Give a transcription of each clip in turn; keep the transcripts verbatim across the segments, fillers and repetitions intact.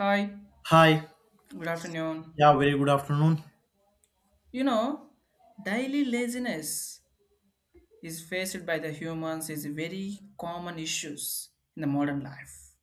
Hi, Hi. good afternoon. Yeah, very good afternoon. You know, daily laziness is faced by the humans is a very common issues in the modern life.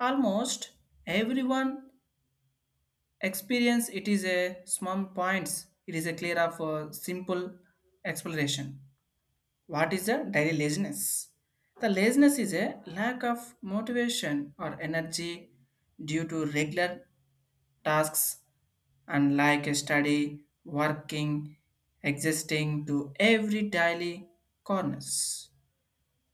Almost everyone experience it is a small points. It is a clear of a simple exploration. What is the daily laziness? The laziness is a lack of motivation or energy due to regular tasks and like a study, working, existing to every daily corners.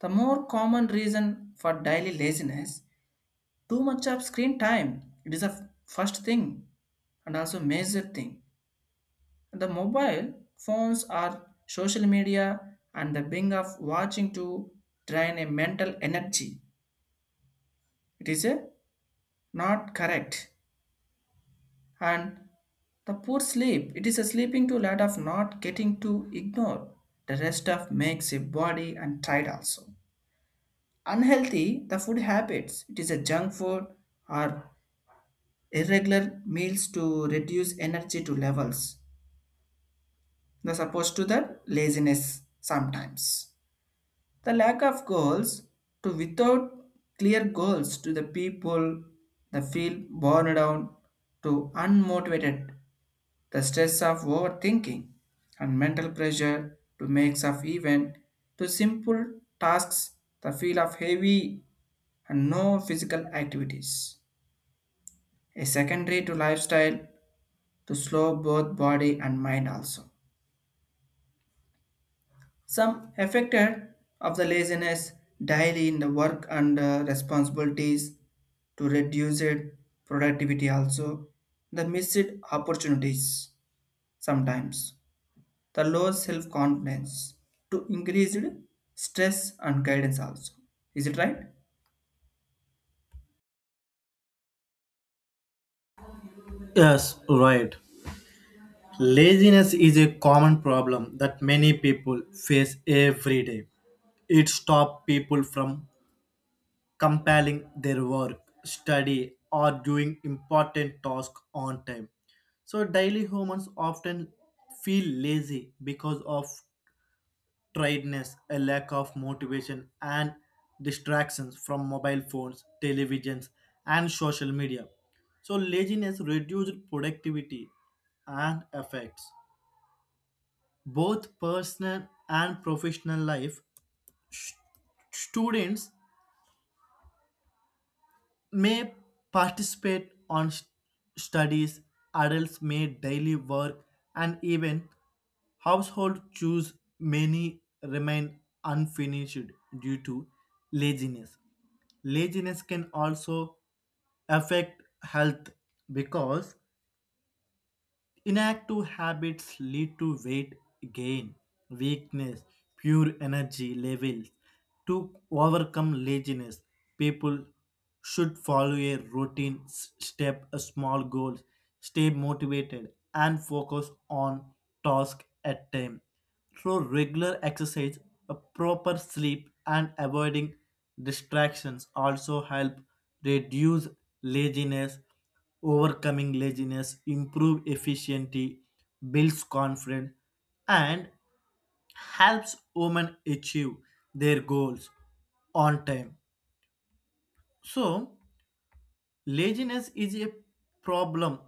The more common reason for daily laziness, too much of screen time. It is a f- first thing and also major thing. The mobile phones are social media and the being of watching to drain a mental energy. It is a not correct. And the poor sleep, it is a sleeping too lot of not getting to ignore. The rest of makes a body and tired also. Unhealthy, the food habits, it is a junk food or irregular meals to reduce energy to levels. The supposed to the laziness sometimes. The lack of goals to without clear goals to the people, the feel borne down to unmotivated, the stress of overthinking and mental pressure to make of even to simple tasks the feel of heavy and no physical activities a secondary to lifestyle to slow both body and mind also some affected of the laziness daily in the work and uh, responsibilities to reduce it productivity also, the missed opportunities, sometimes the low self confidence to increased stress and guidance also. Is it right? Yes, right. Laziness is a common problem that many people face every day. It stops people from completing their work, study, or doing important tasks on time. So, daily humans often feel lazy because of tiredness, a lack of motivation, and distractions from mobile phones, televisions, and social media. So, laziness reduced productivity and affects both personal and professional life. Students may participate on st- studies, adults may daily work, and even household chores many remain unfinished due to laziness. Laziness can also affect health because inactive habits lead to weight gain, weakness, pure energy levels. To overcome laziness, people should follow a routine, s- step a small goals, stay motivated, and focus on task at time. Through regular exercise, a proper sleep, and avoiding distractions also help reduce laziness overcoming laziness, improve efficiency, builds confidence, and helps women achieve their goals on time. So, laziness is a problem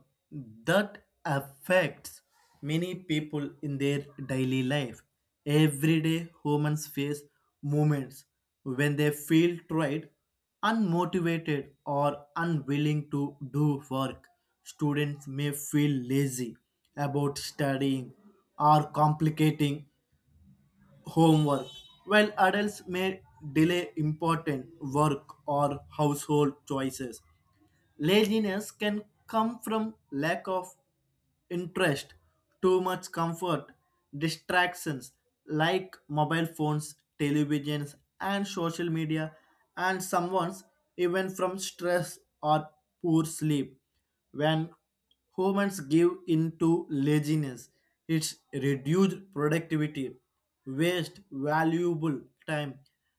that affects many people in their daily life. Everyday humans face moments when they feel tired, unmotivated, or unwilling to do work. Students may feel lazy about studying or complicating homework, while adults may delay important work or household choices. Laziness can come from lack of interest, too much comfort, distractions like mobile phones, televisions, and social media, and someone's even from stress or poor sleep. When humans give in to laziness. It's reduced productivity, waste valuable time,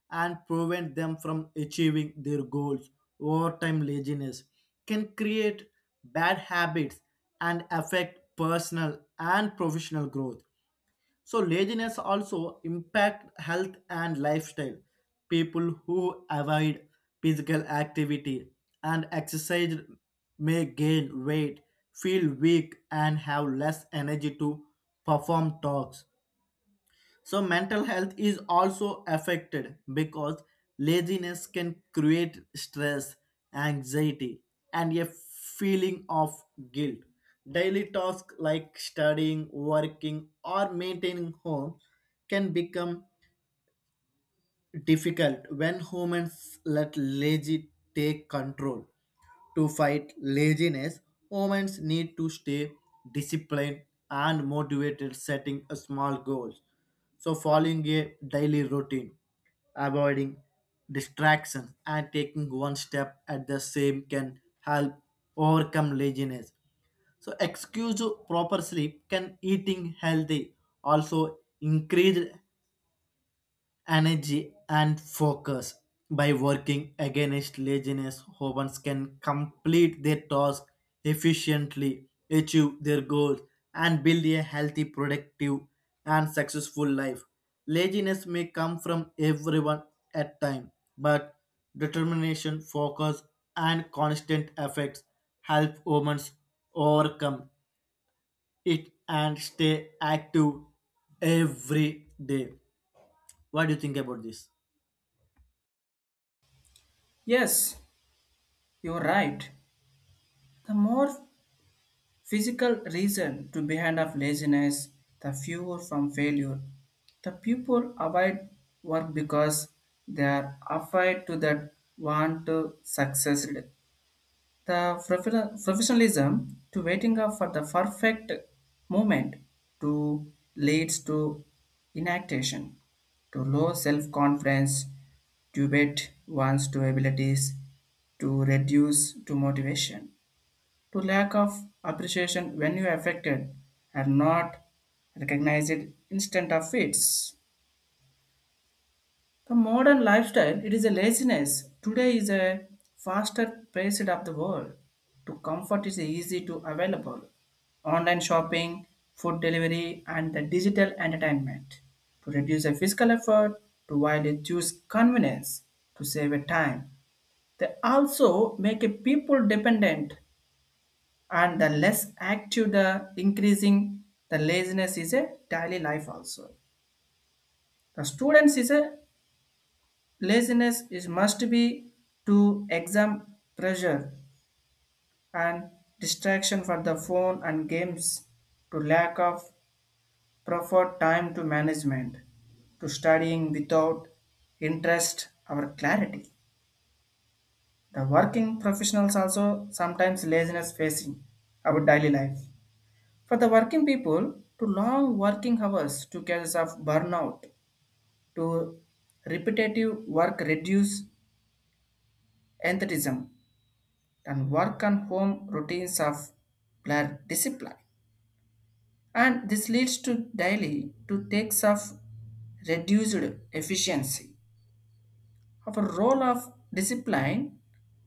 and prevent them from achieving their goals. Over time, laziness can create bad habits and affect personal and professional growth. So laziness also impact health and lifestyle. People who avoid physical activity and exercise may gain weight, feel weak, and have less energy to perform tasks. So mental health is also affected because laziness can create stress, anxiety, and a feeling of guilt. Daily tasks like studying, working, or maintaining home can become difficult when humans let lazy take control. To fight laziness, humans need to stay disciplined and motivated, setting a small goals. So, following a daily routine, avoiding distractions, and taking one step at the same can help overcome laziness. So excuse proper sleep can eating healthy also increase energy and focus. By working against laziness, humans can complete their tasks efficiently, achieve their goals, and build a healthy, productive, and successful life. Laziness may come from everyone at time, but determination, focus, and constant efforts help humans overcome it and stay active every day. What do you think about this? Yes, you're right. The more physical reason to behind of laziness, the fewer from failure, the people avoid work because they are afraid to that want to succeed. The profe- professionalism to waiting up for the perfect moment to leads to inactivation, to low self-confidence, to wait one's to abilities, to reduce to motivation, to lack of appreciation when you are affected are not recognized instant of fits. The modern lifestyle, it is a laziness. Today is a faster paced of the world. To comfort is easy to available. Online shopping, food delivery, and the digital entertainment. To reduce a physical effort, to widely choose convenience, to save a time. They also make a people dependent and the less active the increasing the laziness is a daily life also. The students is a laziness is must be to exam pressure and distraction for the phone and games to lack of proper time to management to studying without interest or clarity. The working professionals also sometimes laziness facing our daily life. For the working people, to long working hours to causes of burnout, to repetitive work reduce enthusiasm and work and home routines of blur discipline. And this leads to daily to takes of reduced efficiency. Our role of discipline,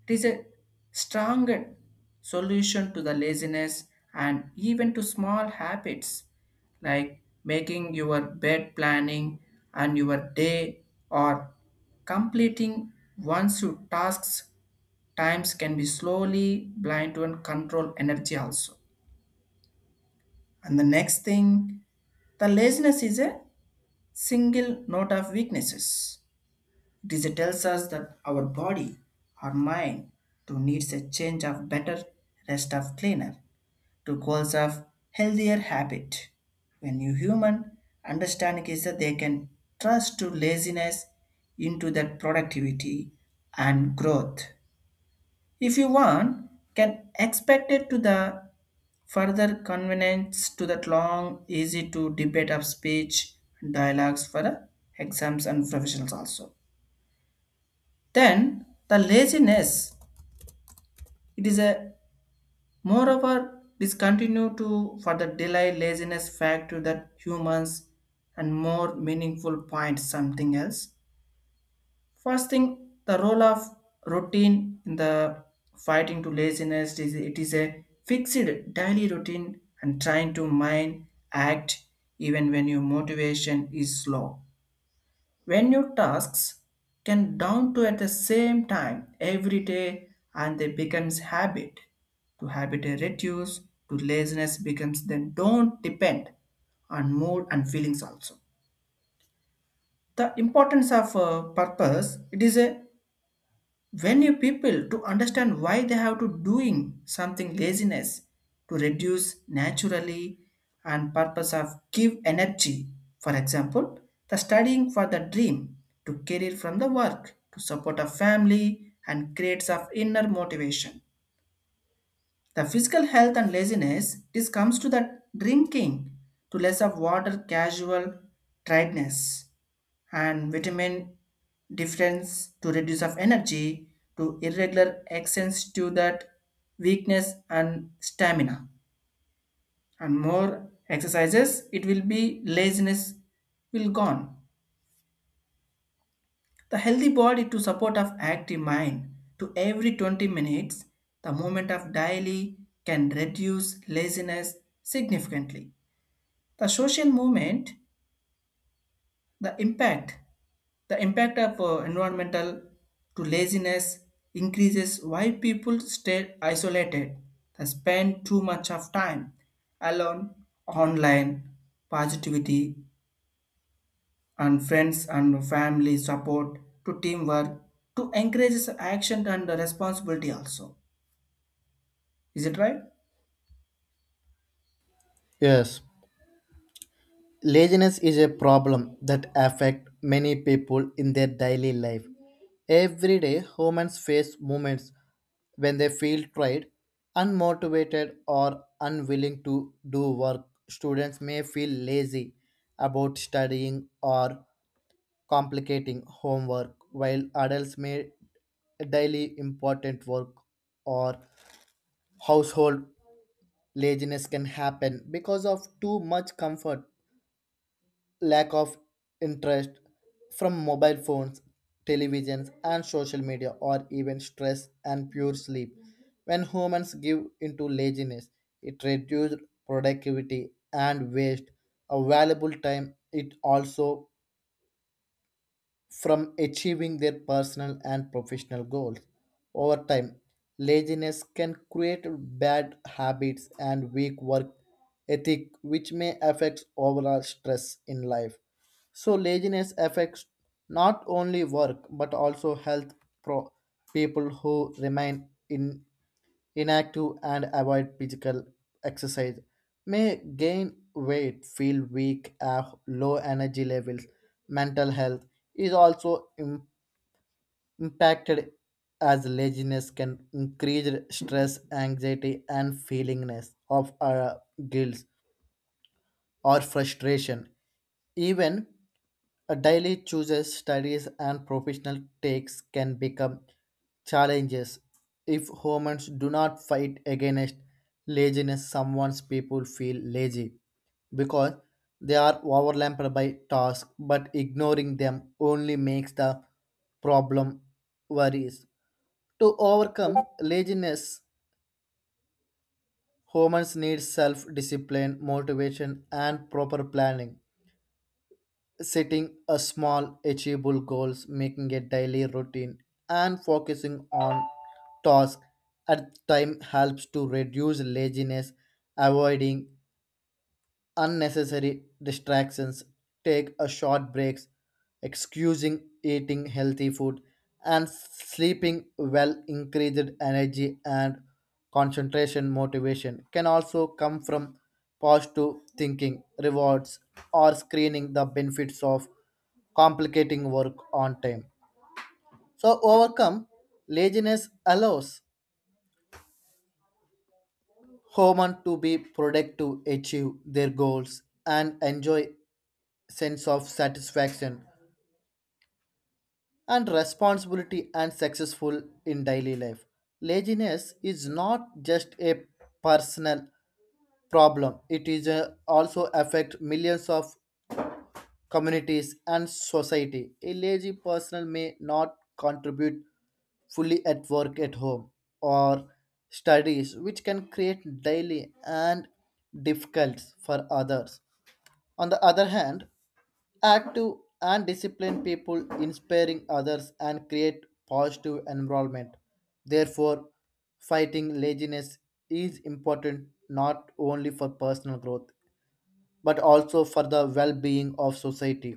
it is a stronger solution to the laziness, and even to small habits like making your bed planning and your day or completing one's tasks times can be slowly blind to and control energy also. And the next thing, the laziness is a single note of weaknesses. It is- it tells us that our body or mind to needs a change of better rest of cleaner to goals of healthier habit. When you human understanding is that they can trust to laziness into that productivity and growth. If you want, can expect it to the further convenience to that long, easy to debate of speech and dialogues for uh, exams and professionals also. Then the laziness, it is a moreover this continue to for the delay laziness fact to that humans and more meaningful point something else. First thing, the role of routine in the fighting to laziness is it is a fixed daily routine and trying to mind act even when your motivation is slow. When your tasks can down to at the same time every day and they becomes habit. To habit a reduce, to laziness becomes then don't depend on mood and feelings also. The importance of uh, purpose, it is a when you people to understand why they have to doing something laziness to reduce naturally and purpose of give energy. For example, the studying for the dream to career from the work to support a family and creates of inner motivation, the physical health and laziness, this comes to the drinking to less of water casual tiredness and vitamin difference to reduce of energy to irregular accents to that weakness and stamina, and more exercises it will be laziness will gone. The healthy body to support of active mind, to every twenty minutes the movement of daily can reduce laziness significantly. The social movement, the impact, the impact of uh, environmental to laziness increases why people stay isolated, they spend too much of time alone, online, positivity and friends and family support to teamwork to encourages action and responsibility also. Is it right? Yes, laziness is a problem that affect many people in their daily life. Every day, humans face moments when they feel tired, unmotivated, or unwilling to do work. Students may feel lazy about studying or complicating homework, while adults may daily important work or household laziness can happen because of too much comfort lack of interest from mobile phones, televisions, and social media, or even stress and poor sleep. When humans give into laziness, it reduces productivity and waste of valuable time. It also from achieving their personal and professional goals. Over time, laziness can create bad habits and weak work ethic, which may affect overall stress in life. So, laziness affects not only work but also health. Pro- People who remain in inactive and avoid physical exercise may gain weight, feel weak, have low energy levels. Mental health is also im- impacted as laziness can increase stress, anxiety, and feelingness of our guilt or frustration. Even a daily chooses studies and professional takes can become challenges if humans do not fight against laziness. Someone's people feel lazy because they are overwhelmed by tasks, but ignoring them only makes the problem worries. To overcome laziness, humans need self discipline, motivation, and proper planning. Setting a small achievable goals making a daily routine and focusing on tasks at time helps to reduce laziness avoiding unnecessary distractions, take a short breaks, excusing eating healthy food and sleeping well increased energy and concentration motivation can also come from positive thinking rewards or screening the benefits of complicating work on time so overcome laziness allows human to be productive, achieve their goals, and enjoy sense of satisfaction and responsibility and successful in daily life. Laziness is not just a personal problem; it is a, also affect millions of communities, and society. A lazy person may not contribute fully at work, at home, or studies, which can create daily and difficult for others. On the other hand, active and disciplined people inspiring others and create positive environment therefore fighting laziness is important not only for personal growth but also for the well-being of society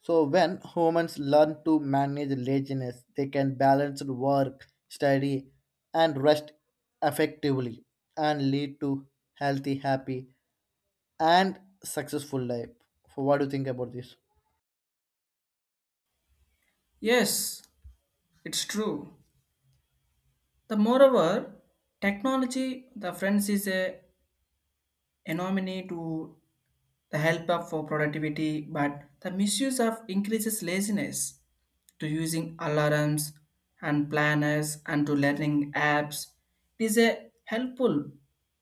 so when humans learn to manage laziness, they can balance work, study, and rest effectively and lead to healthy, happy, and successful life. So what do you think about this? Yes, it's true. The moreover, technology, the friends is a enemy to the help up for productivity, but the misuse of increases laziness to using alarms and planners and to learning apps. It is a helpful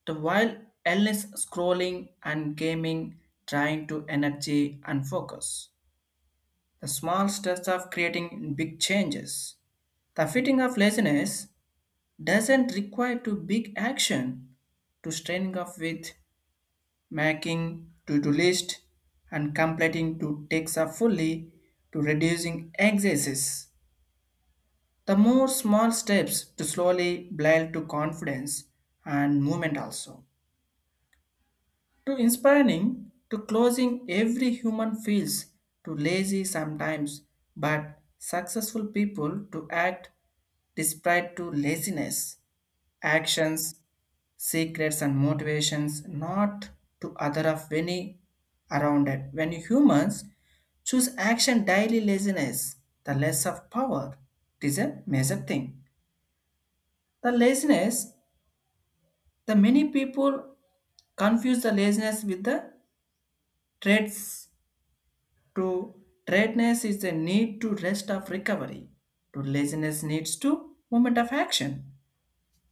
to while endless scrolling and gaming trying to energy and focus. The small steps of creating big changes. The fitting of laziness doesn't require to big action to straining off with making to-do list and completing to takes up fully to reducing excesses. The more small steps to slowly build to confidence and movement also. To inspiring to closing every human feels to lazy sometimes but successful people to act despite to laziness actions, secrets, and motivations, not to other of any around it. When humans choose action daily laziness, the less of power. It is a major thing. The laziness, the many people confuse the laziness with the traits to tiredness is the need to rest of recovery. To laziness needs to moment of action.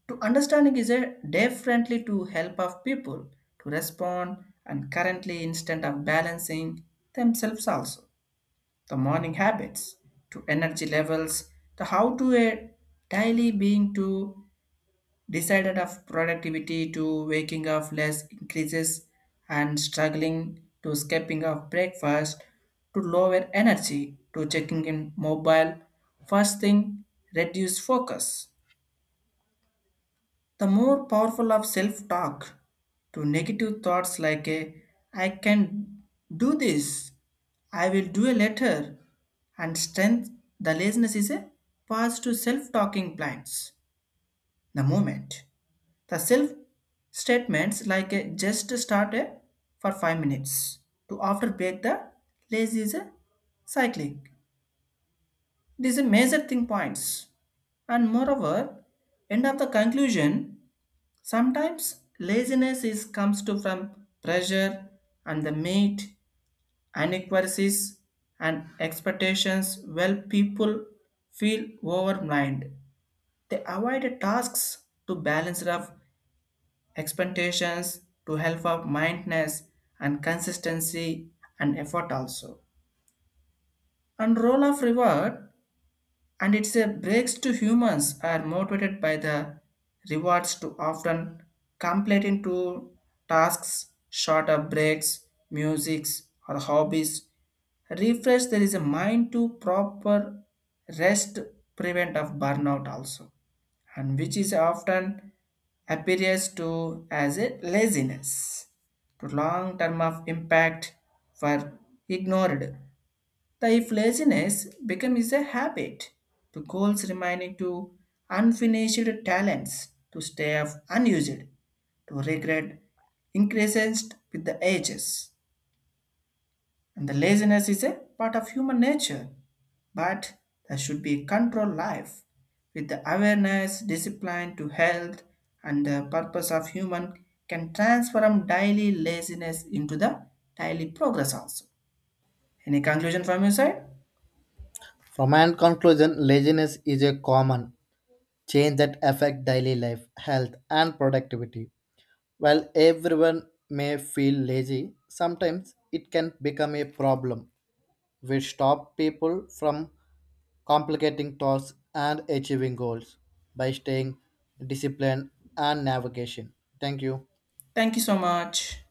To understanding is a definitely to help of people to respond and currently instant of balancing themselves also. The morning habits to energy levels, the how to a daily being to decided of productivity to waking of less increases and struggling to skipping of breakfast to lower energy to checking in mobile first thing reduce focus, the more powerful of self talk to negative thoughts like, a, I can do this, I will do a letter, and strength the laziness is a pass to self talking plans. The moment the self statements like a just start a, for five minutes to after break the lazy is a cyclic. It is a major thing points and moreover end of the conclusion. Sometimes laziness is comes to from pressure and the meat, inequalities and expectations well people feel overwhelmed. They avoid tasks to balance of expectations to help of mindness and consistency and effort also. And role of reward and its a breaks to humans are motivated by the rewards to often completing to tasks shorter breaks, musics or hobbies refresh there is a mind to proper rest prevent of burnout also, and which is often appears to as a laziness to long term of impact were ignored. The if laziness becomes a habit, the goals remaining to unfinished talents to stay of unused, to regret increases with the ages. And the laziness is a part of human nature, but there should be controlled life with the awareness, discipline to health, and the purpose of human can transform daily laziness into the daily progress also. Any conclusion from your side? From my conclusion, laziness is a common change that affect daily life, health, and productivity. While everyone may feel lazy, sometimes it can become a problem. Which stop people from complicating tasks and achieving goals by staying disciplined and navigation. Thank you. Thank you so much.